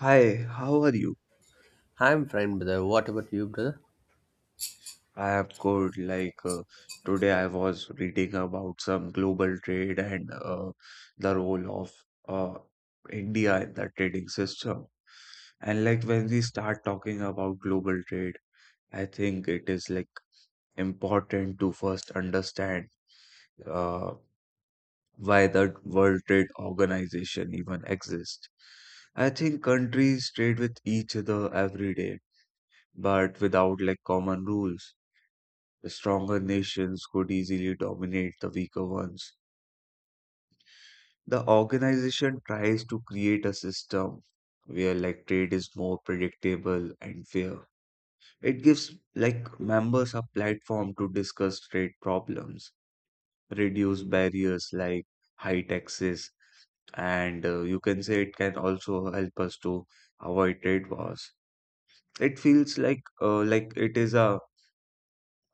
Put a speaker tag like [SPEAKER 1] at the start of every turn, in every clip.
[SPEAKER 1] Hi, how are you?
[SPEAKER 2] I'm fine, brother. What about you, brother?
[SPEAKER 1] I am good. Today, I was reading about some global trade and the role of uh, India in the trading system. And like when we start talking about global trade, I think it is like important to first understand uh, why the World Trade Organization even exists. I think countries trade with each other every day, but without like common rules. The stronger nations could easily dominate the weaker ones. The organization tries to create a system where like trade is more predictable and fair. It gives like members a platform to discuss trade problems, reduce barriers like high taxes, and you can say it can also help us to avoid trade wars. It feels like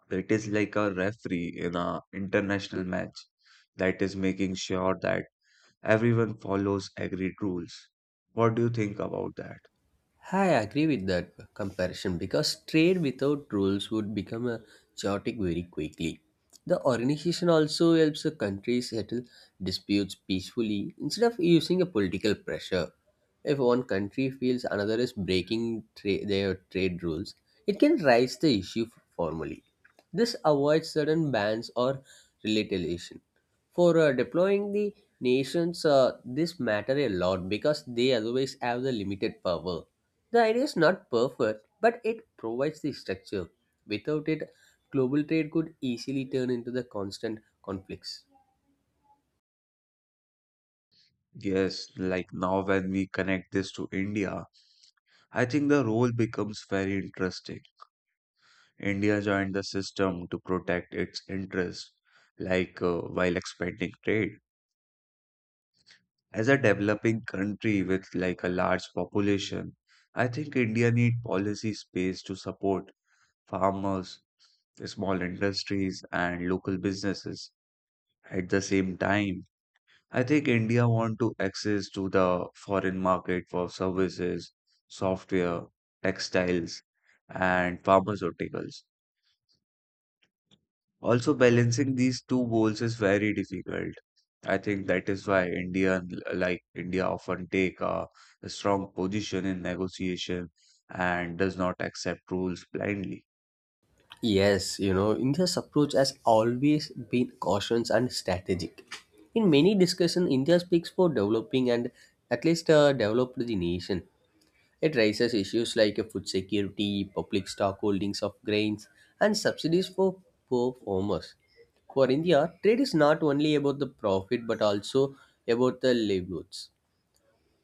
[SPEAKER 1] it is like a referee in a international match that is making sure that everyone follows agreed rules. What do you think about that?
[SPEAKER 2] I agree with that comparison because trade without rules would become a chaotic very quickly. The organization also helps a country settle disputes peacefully instead of using a political pressure. If one country feels another is breaking their trade rules, it can raise the issue formally. This avoids sudden bans or retaliation. For deploying the nations, this matter a lot because they otherwise have the limited power. The idea is not perfect, but it provides the structure. Without it, global trade could easily turn into the constant conflicts.
[SPEAKER 1] Yes, like now when we connect this to India, I think the role becomes very interesting. India joined the system to protect its interests, while expanding trade. As a developing country with like a large population, I think India need policy space to support farmers, small industries, and local businesses. At the same time, I think India want to access to the foreign market for services, software, textiles, and pharmaceuticals. Also, balancing these two goals is very difficult. I think that is why India, often take a strong position in negotiation and does not accept rules blindly.
[SPEAKER 2] Yes, you know, India's approach has always been cautious and strategic. In many discussions, India speaks for developing and at least developed the nation. It raises issues like food security, public stock holdings of grains, and subsidies for poor farmers. For India, trade is not only about the profit but also about the livelihoods.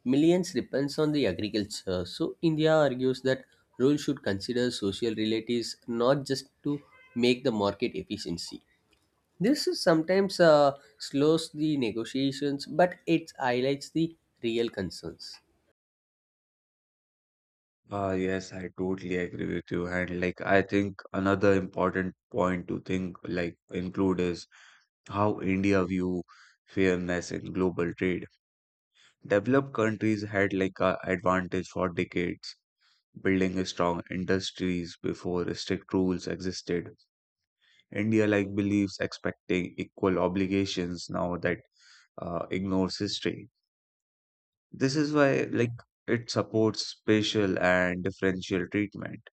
[SPEAKER 2] Millions depends on the agriculture, so India argues that rules should consider social relatives not just to make the market efficiency. This is sometimes, slows the negotiations, but it highlights the real concerns.
[SPEAKER 1] Yes, I totally agree with you. And like, I think another important point to think, like, include is how India view fairness in global trade. Developed countries had like a advantage for decades, building a strong industries before strict rules existed. India like believes expecting equal obligations now that ignores history. This is why like it supports spatial and differential treatment.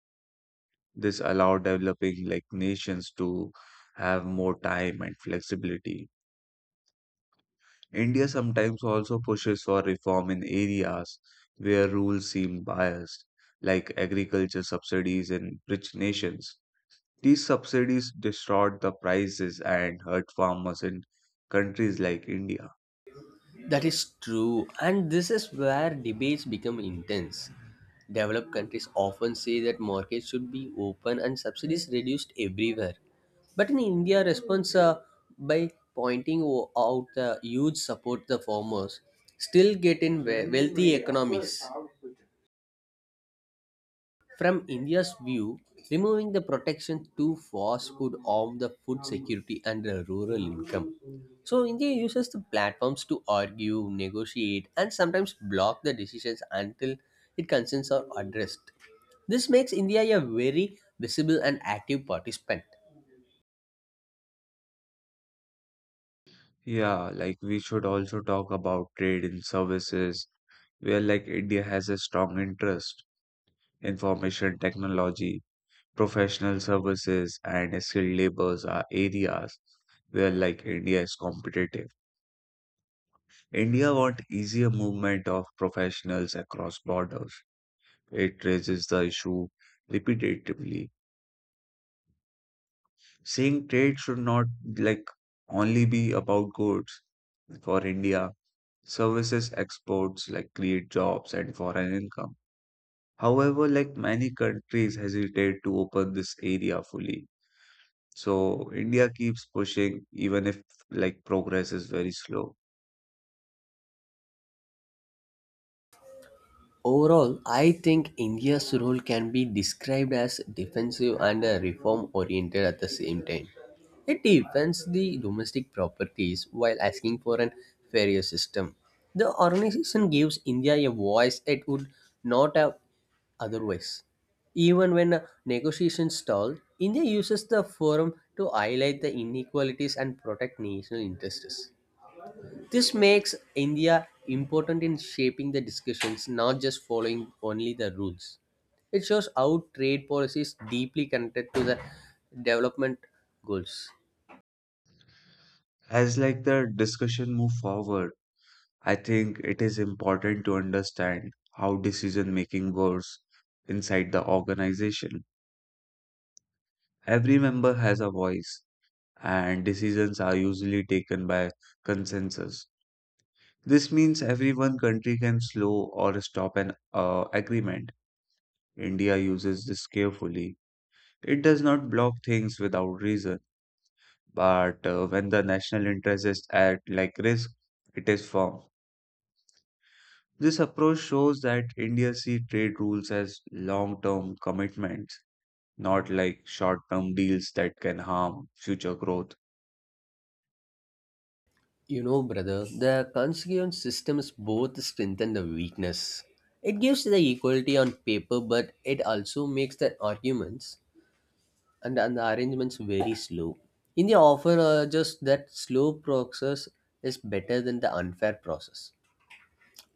[SPEAKER 1] This allowed developing like nations to have more time and flexibility. India sometimes also pushes for reform in areas where rules seem biased, like agriculture subsidies in rich nations. These subsidies distort the prices and hurt farmers in countries like India.
[SPEAKER 2] That is true, and this is where debates become intense. Developed countries often say that markets should be open and subsidies reduced everywhere. But in India, response, by pointing out the huge support the farmers still get in wealthy economies. From India's view, removing the protection too fast could harm the food security and the rural income. So, India uses the platforms to argue, negotiate, and sometimes block the decisions until its concerns are addressed. This makes India a very visible and active participant.
[SPEAKER 1] Yeah, like we should also talk about trade in services, where like India has a strong interest. Information technology, professional services and skilled labors are areas where like India is competitive. India want easier movement of professionals across borders. It raises the issue repetitively, saying trade should not like only be about goods. For India, services exports like create jobs and foreign income. However, like many countries hesitate to open this area fully. So India keeps pushing even if like progress is very slow.
[SPEAKER 2] Overall, I think India's role can be described as defensive and reform oriented at the same time. It defends the domestic properties while asking for an fairer system. The organization gives India a voice it would not have otherwise. Even when, negotiations stall, India uses the forum to highlight the inequalities and protect national interests. This makes India important in shaping the discussions, not just following only the rules. It shows how trade policy is deeply connected to the development goals.
[SPEAKER 1] As like the discussion move forward, I think it is important to understand how decision making works inside the organization. Every member has a voice and decisions are usually taken by consensus. This means every one country can slow or stop an agreement. India uses this carefully. It does not block things without reason but when the national interest is at like risk, it is formed. This approach shows that India sees trade rules as long-term commitments, not like short-term deals that can harm future growth.
[SPEAKER 2] You know, brother, the constituent system is both strength and the weakness. It gives the equality on paper, but it also makes the arguments and the arrangements very slow. India often urges that slow process is better than the unfair process.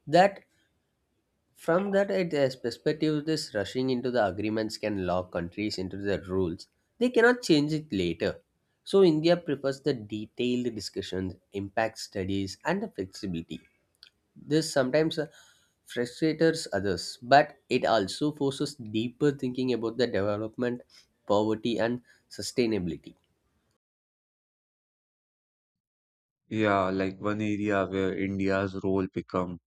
[SPEAKER 2] That From that IDS perspective, this rushing into the agreements can lock countries into the rules. They cannot change it later. So India prefers the detailed discussions, impact studies, and the flexibility. This sometimes frustrates others, but it also forces deeper thinking about the development, poverty, and sustainability.
[SPEAKER 1] Yeah, like one area where India's role become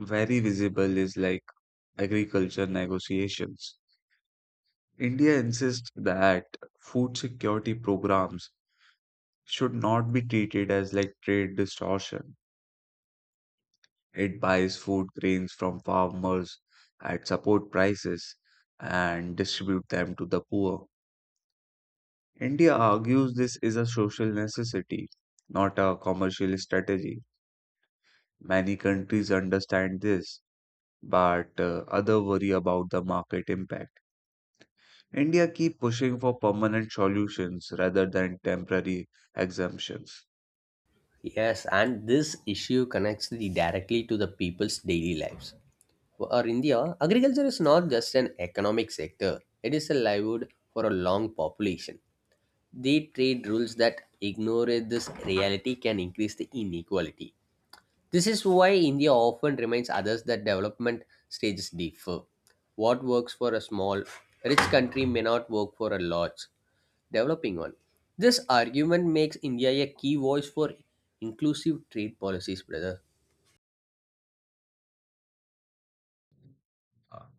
[SPEAKER 1] very visible is like agriculture negotiations. India insists that food security programs should not be treated as like trade distortion. It buys food grains from farmers at support prices and distribute them to the poor. India argues this is a social necessity, not a commercial strategy. Many countries understand this, but other worry about the market impact. India keep pushing for permanent solutions rather than temporary exemptions.
[SPEAKER 2] Yes, and this issue connects directly to the people's daily lives. For India, agriculture is not just an economic sector, it is a livelihood for a long population. The trade rules that ignore this reality can increase the inequality. This is why India often reminds others that development stages differ. What works for a small, rich country may not work for a large, developing one. This argument makes India a key voice for inclusive trade policies, brother.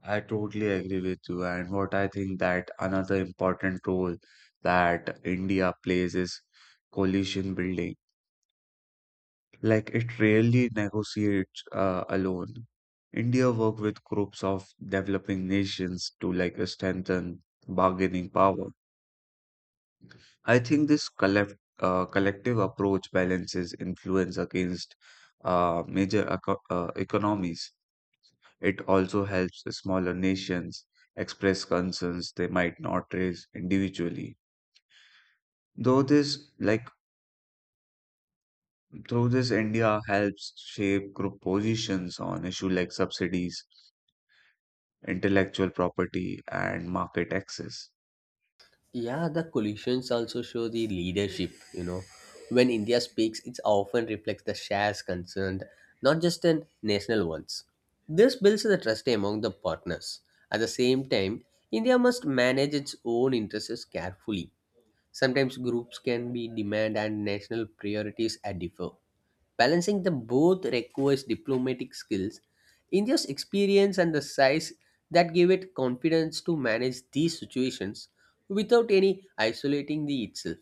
[SPEAKER 1] I totally agree with you. And what I think that another important role that India plays is coalition building. Like it rarely negotiates alone. India work with groups of developing nations to like strengthen bargaining power. I think this collective approach balances influence against major economies. It also helps smaller nations express concerns they might not raise individually. Though this, like, through this, India helps shape group positions on issues like subsidies, intellectual property, and market access.
[SPEAKER 2] Yeah, the collisions also show the leadership, you know. When India speaks, it often reflects the shares concerned, not just in national ones. This builds the trust among the partners. At the same time, India must manage its own interests carefully. Sometimes groups can be demand and national priorities are differ. Balancing them both requires diplomatic skills, India's experience and the size that give it confidence to manage these situations without any isolating the itself.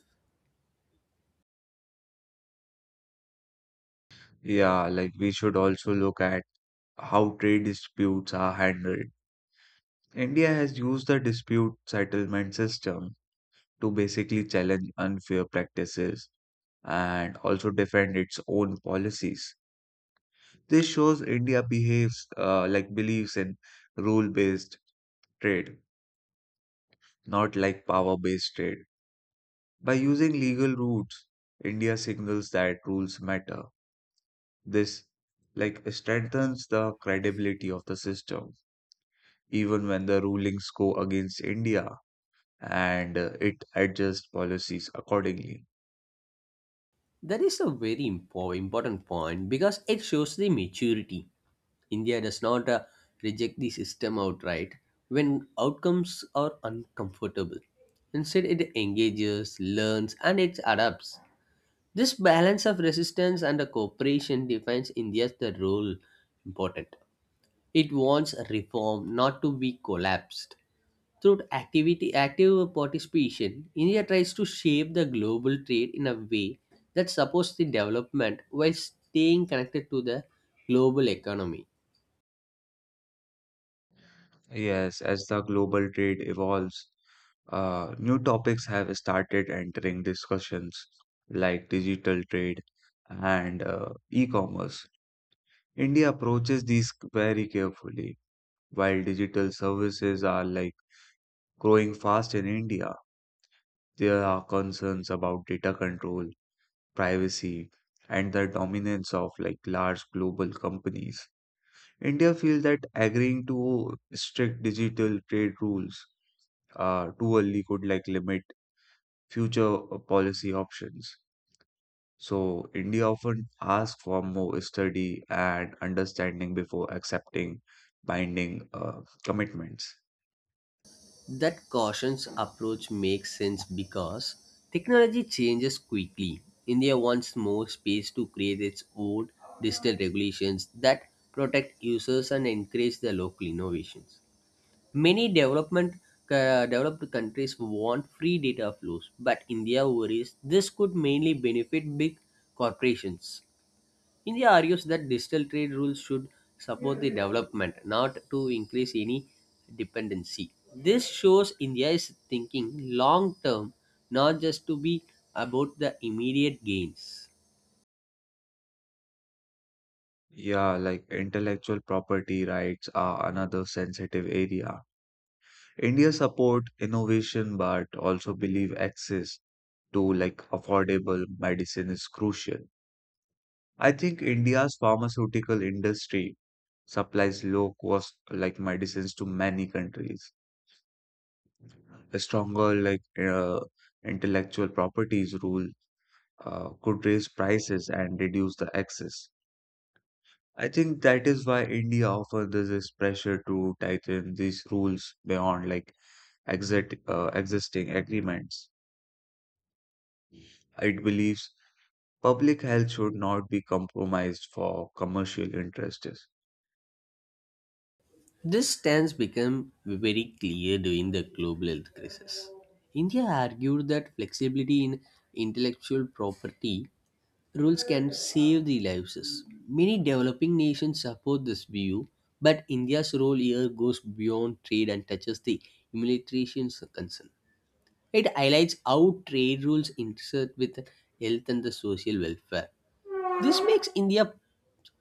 [SPEAKER 1] Yeah, like we should also look at how trade disputes are handled. India has used the dispute settlement system to basically challenge unfair practices and also defend its own policies. This shows India behaves like believes in rule based trade, not like power based trade. By using legal routes, India signals that rules matter. This like strengthens the credibility of the system, even when the rulings go against India and it adjusts policies accordingly.
[SPEAKER 2] That is a very important point because it shows the maturity. India does not reject the system outright when outcomes are uncomfortable. Instead, it engages, learns, and it adapts. This balance of resistance and cooperation defines India's the role important. It wants reform not to be collapsed. Through activity active participation, India tries to shape the global trade in a way that supports the development while staying connected to the global economy.
[SPEAKER 1] Yes, as the global trade evolves, new topics have started entering discussions like digital trade and e-commerce. India approaches these very carefully. While digital services are like growing fast in India, there are concerns about data control, privacy, and the dominance of like large global companies. India feels that agreeing to strict digital trade rules too early could like limit future policy options. So India often asks for more study and understanding before accepting binding commitments.
[SPEAKER 2] That cautious approach makes sense because technology changes quickly. India wants more space to create its own digital regulations that protect users and encourage the local innovations. Many development developed countries want free data flows, but India worries this could mainly benefit big corporations. India argues that digital trade rules should support the development, not to increase any dependency. This shows India is thinking long term, not just to be about the immediate gains.
[SPEAKER 1] Yeah, like intellectual property rights are another sensitive area. India support innovation but also believe access to like affordable medicine is crucial. I think India's pharmaceutical industry supplies low cost like medicines to many countries. A stronger intellectual properties rule could raise prices and reduce the access. I think that is why India offers this is pressure to tighten these rules beyond like existing agreements. It believes public health should not be compromised for commercial interests.
[SPEAKER 2] This stance became very clear during the global health crisis. India argued that flexibility in intellectual property rules can save the lives. Many developing nations support this view, but India's role here goes beyond trade and touches the humanitarian's concern. It highlights how trade rules intersect with health and the social welfare. This makes India's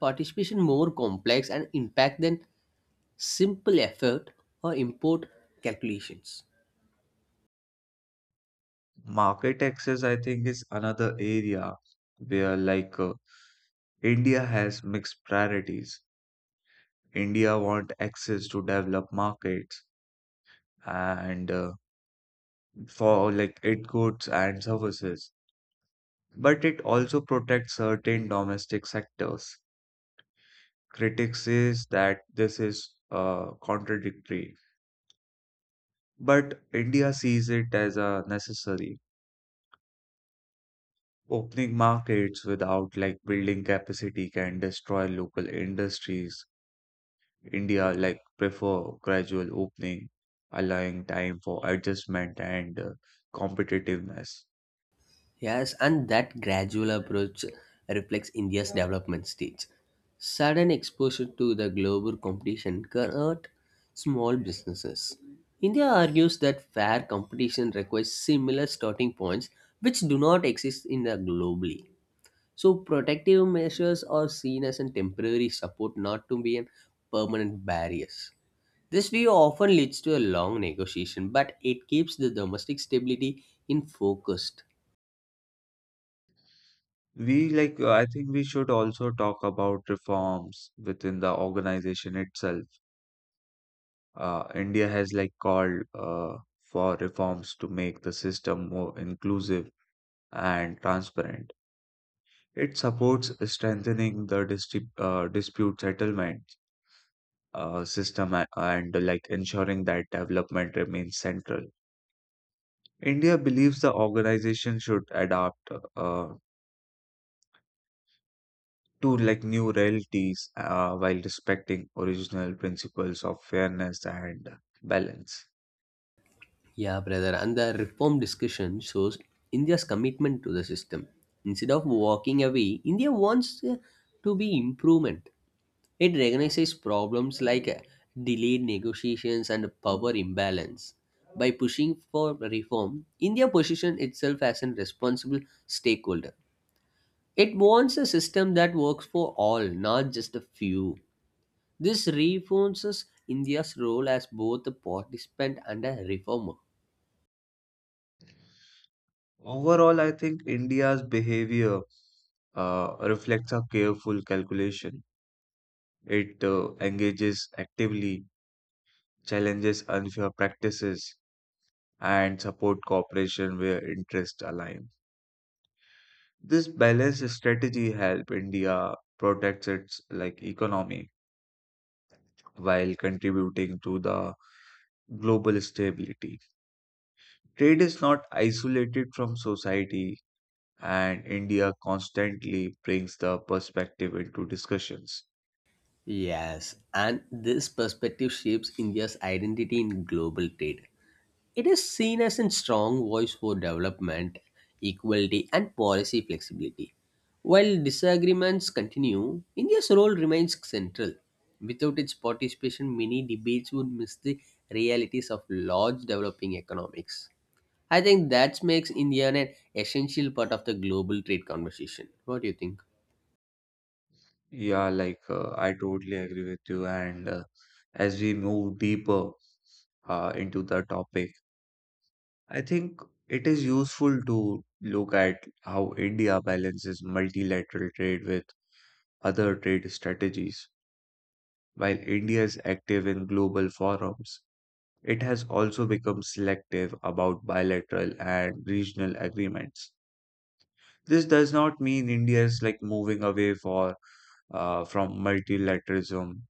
[SPEAKER 2] participation more complex and impact than simple effort or import calculations.
[SPEAKER 1] Market access, I think, is another area where India has mixed priorities. India want access to developed markets and for like its goods and services, but it also protects certain domestic sectors. Critics says that this is contradictory, but India sees it as a necessary. Opening markets without like building capacity can destroy local industries. India like prefer gradual opening, allowing time for adjustment and competitiveness.
[SPEAKER 2] Yes, and that gradual approach reflects India's development stage. Sudden exposure to the global competition can hurt small businesses. India argues that fair competition requires similar starting points which do not exist in the globally. So protective measures are seen as a temporary support not to be a permanent barriers. This view often leads to a long negotiation, but it keeps the domestic stability in focus.
[SPEAKER 1] We like I think we should also talk about reforms within the organization itself. India has like called for reforms to make the system more inclusive and transparent. It supports strengthening the distrib dispute settlement system and like ensuring that development remains central. India believes the organization should adapt uh, to like new realities while respecting original principles of fairness and balance.
[SPEAKER 2] Yeah, brother. And the reform discussion shows India's commitment to the system. Instead of walking away, India wants, to be improvement. It recognizes problems like, delayed negotiations and power imbalance. By pushing for reform, India positions itself as a responsible stakeholder. It wants a system that works for all, not just a few. This reinforces India's role as both a participant and a reformer.
[SPEAKER 1] Overall, I think India's behavior reflects a careful calculation. It engages actively, challenges unfair practices, and support cooperation where interests align. This balanced strategy help India protect its like economy while contributing to the global stability. Trade is not isolated from society, and India constantly brings the perspective into discussions.
[SPEAKER 2] Yes, and this perspective shapes India's identity in global trade. It is seen as a strong voice for development, equality, and policy flexibility. While disagreements continue, India's role remains central. Without its participation, many debates would miss the realities of large developing economics. I think that makes India an essential part of the global trade conversation. What do you think?
[SPEAKER 1] Yeah, I totally agree with you. And as we move deeper into the topic, I think it is useful to look at how India balances multilateral trade with other trade strategies. While India is active in global forums, it has also become selective about bilateral and regional agreements. This does not mean India is like moving away for from multilateralism.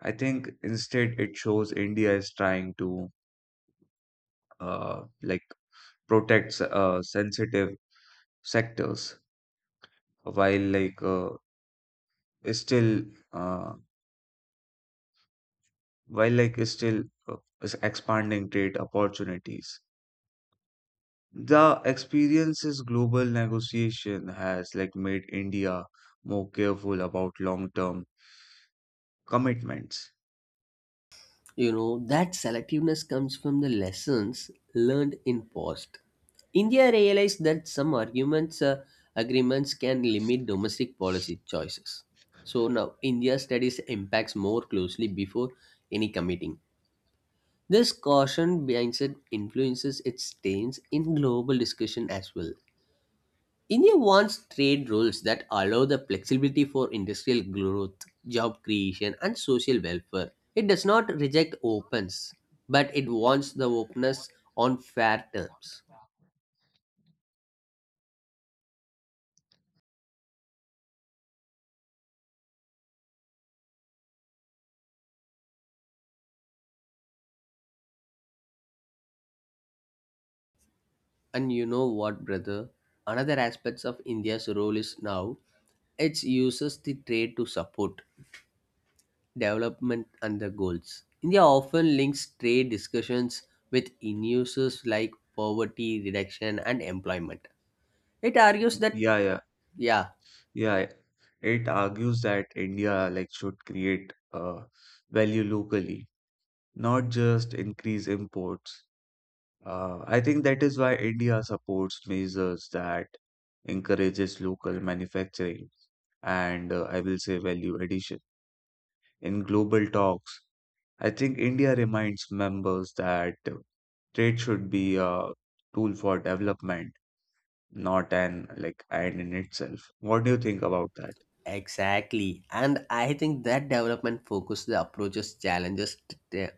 [SPEAKER 1] I think instead it shows India is trying to uh, like protect sensitive sectors while like uh, is still uh, while like is still is expanding trade opportunities. The experience's global negotiation has like made India more careful about long-term commitments.
[SPEAKER 2] You know, that selectiveness comes from the lessons learned in past. India realized that some agreements can limit domestic policy choices. So now India studies impacts more closely before any committing. This caution mindset influences its stance in global discussion as well. India wants trade rules that allow the flexibility for industrial growth, job creation, and social welfare. It does not reject opens, but it wants the openness on fair terms. And you know what, brother? Another aspects of India's role is now it uses the trade to support development and the goals. India often links trade discussions with issues like poverty reduction and employment. It argues that
[SPEAKER 1] Yeah, yeah,
[SPEAKER 2] yeah,
[SPEAKER 1] yeah. It argues that India like should create value locally, not just increase imports. I think that is why India supports measures that encourages local manufacturing and I will say value addition. In global talks, I think India reminds members that trade should be a tool for development, not an like end in itself. What do you think about that?
[SPEAKER 2] exactly. And I think that development focus the approaches challenges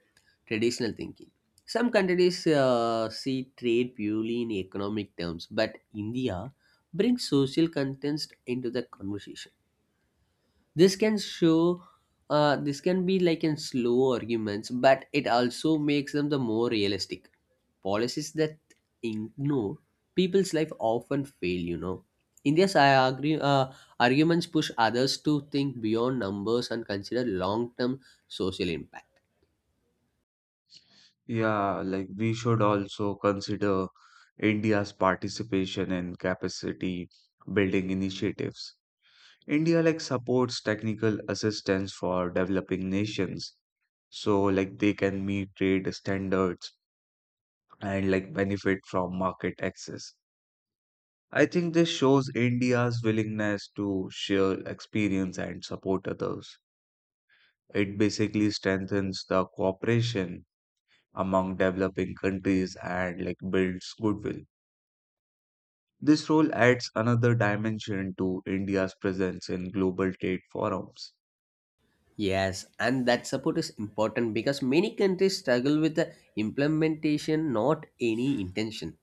[SPEAKER 2] traditional thinking. Some countries see trade purely in economic terms, but India brings social contents into the conversation. This can show, this can be like in slow arguments, but it also makes them the more realistic. Policies that ignore people's life often fail, you know. India's arguments push others to think beyond numbers and consider long-term social impact.
[SPEAKER 1] Yeah, like we should also consider India's participation in capacity building initiatives. India like supports technical assistance for developing nations so like they can meet trade standards and like benefit from market access. I think this shows India's willingness to share experience and support others. It basically strengthens the cooperation among developing countries and like builds goodwill. This role adds another dimension to India's presence in global trade forums.
[SPEAKER 2] Yes, and that support is important because many countries struggle with the implementation, not any intention.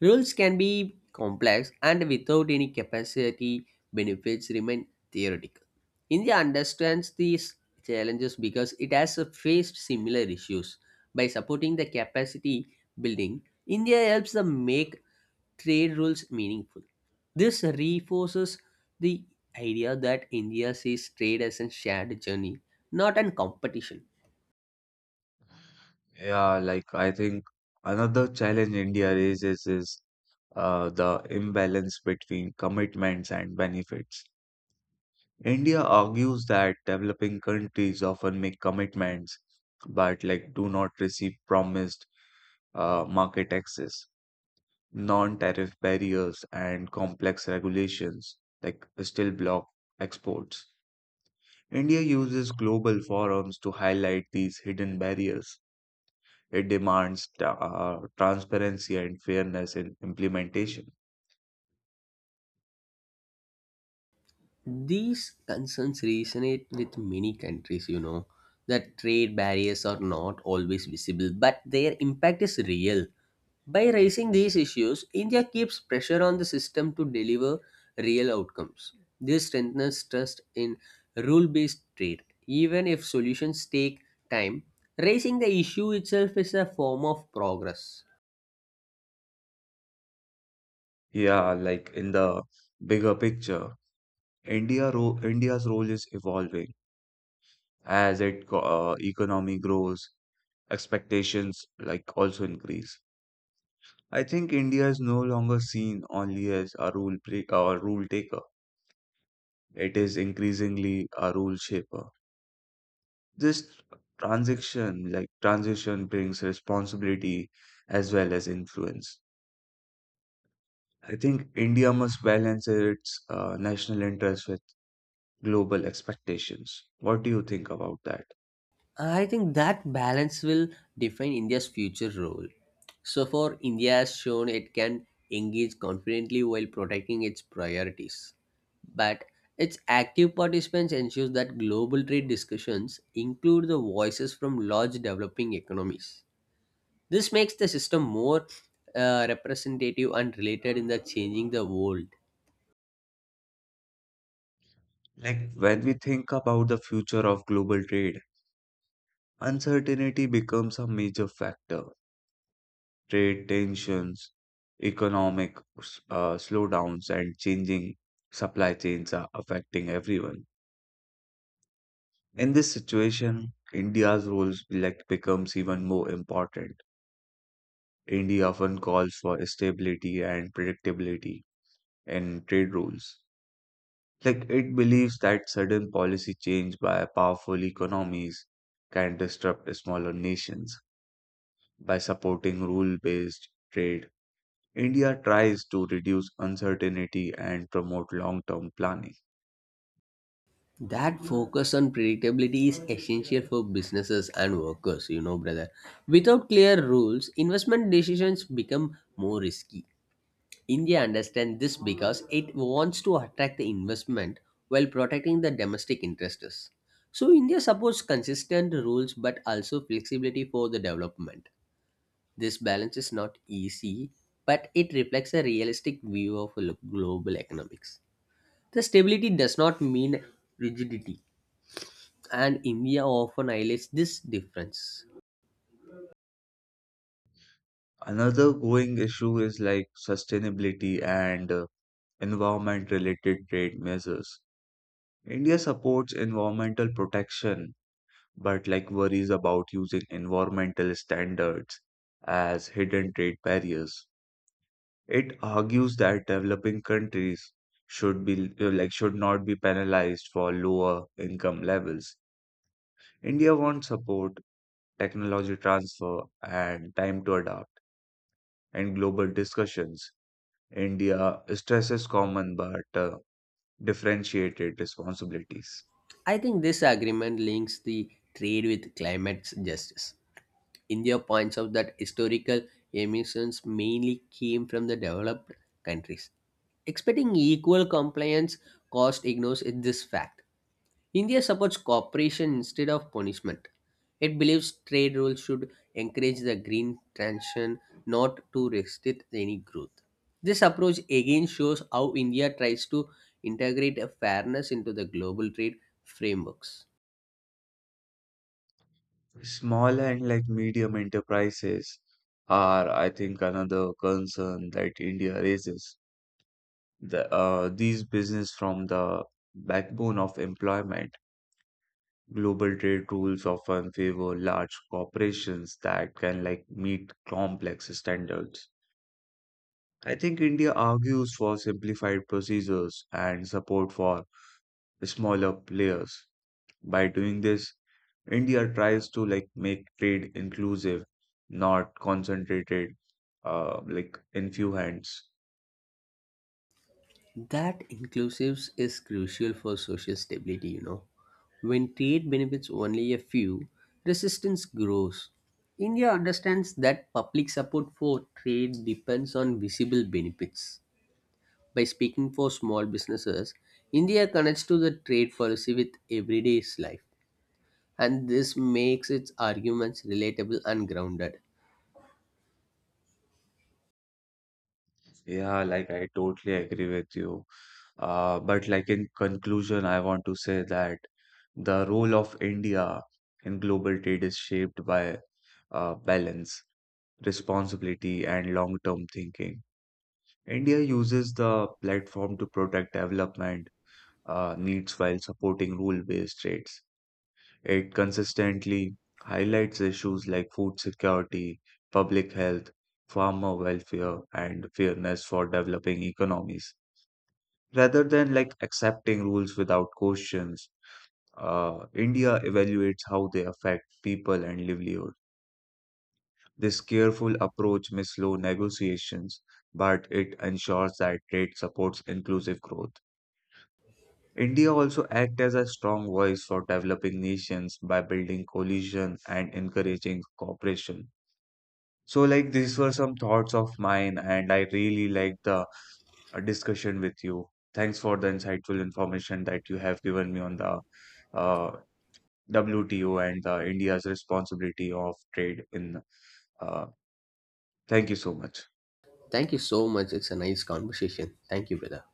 [SPEAKER 2] Rules can be complex and without any capacity benefits remain theoretical. India understands these challenges because it has faced similar issues. By supporting the capacity building, India helps them make trade rules meaningful. This reinforces the idea that India sees trade as a shared journey, not a competition.
[SPEAKER 1] Yeah, like I think another challenge India raises is the imbalance between commitments and benefits. India argues that developing countries often make commitments but like do not receive promised market access. Non-tariff barriers and complex regulations like still block exports. India uses global forums to highlight these hidden barriers. It demands transparency and fairness in implementation.
[SPEAKER 2] These concerns resonate with many countries, you know, that trade barriers are not always visible, but their impact is real. By raising these issues, India keeps pressure on the system to deliver real outcomes. This strengthens trust in rule based trade. Even if solutions take time, raising the issue itself is a form of progress.
[SPEAKER 1] Yeah, like in the bigger picture, India's role is evolving as it economy grows, expectations like also increase. I think India is no longer seen only as a rule pre- or rule taker. It is increasingly a rule shaper. This transition, brings responsibility as well as influence. I think India must balance its national interests with global expectations. What do you think about that?
[SPEAKER 2] I think that balance will define India's future role. So far, India has shown it can engage confidently while protecting its priorities. But its active participants ensures that global trade discussions include the voices from large developing economies. This makes the system more, representative and related in the changing the world.
[SPEAKER 1] Like when we think about the future of global trade, uncertainty becomes a major factor. Trade tensions, economic slowdowns, and changing supply chains are affecting everyone. In this situation, India's role like, becomes even more important. India often calls for stability and predictability in trade rules. Like it believes that sudden policy change by powerful economies can disrupt smaller nations. By supporting rule-based trade, India tries to reduce uncertainty and promote long-term planning.
[SPEAKER 2] That focus on predictability is essential for businesses and workers, you know, brother. Without clear rules, investment decisions become more risky. India understands this because it wants to attract the investment while protecting the domestic interests. So, India supports consistent rules but also flexibility for the development. This balance is not easy, but it reflects a realistic view of global economics. The stability does not mean rigidity and India often highlights this difference.
[SPEAKER 1] Another going issue is like sustainability and environment-related trade measures. India supports environmental protection, but like worries about using environmental standards as hidden trade barriers. It argues that developing countries should not be penalized for lower income levels. India wants support technology transfer, and time to adapt. In global discussions, India stresses common but differentiated responsibilities.
[SPEAKER 2] I think this agreement links the trade with climate justice. India points out that historical emissions mainly came from the developed countries. Expecting equal compliance cost ignores this fact. India supports cooperation instead of punishment. It believes trade rules should encourage the green transition, not to restrict any growth. This approach again shows how India tries to integrate a fairness into the global trade frameworks.
[SPEAKER 1] Small and like medium enterprises are, I think, another concern that India raises. These business from the backbone of employment. Global trade rules often favor large corporations that can like meet complex standards. I think India argues for simplified procedures and support for smaller players. By doing this, India tries to like make trade inclusive, not concentrated, like in few hands.
[SPEAKER 2] That inclusiveness is crucial for social stability, you know. When trade benefits only a few, resistance grows. India understands that public support for trade depends on visible benefits. By speaking for small businesses, India connects to the trade policy with everyday life, and this makes its arguments relatable and grounded.
[SPEAKER 1] Yeah, like I totally agree with you. But like in conclusion, I want to say that the role of India in global trade is shaped by balance, responsibility, and long-term thinking. India uses the platform to protect development needs while supporting rule-based trades. It consistently highlights issues like food security, public health, farmer welfare, and fairness for developing economies. Rather than like accepting rules without questions, India evaluates how they affect people and livelihood. This careful approach may slow negotiations, but it ensures that trade supports inclusive growth. India also act as a strong voice for developing nations by building coalition and encouraging cooperation. So like these were some thoughts of mine and I really like the discussion with you. Thanks for the insightful information that you have given me on the uh, WTO and India's responsibility of trade in uh, thank you so much.
[SPEAKER 2] Thank you so much. It's a nice conversation. Thank you, brother.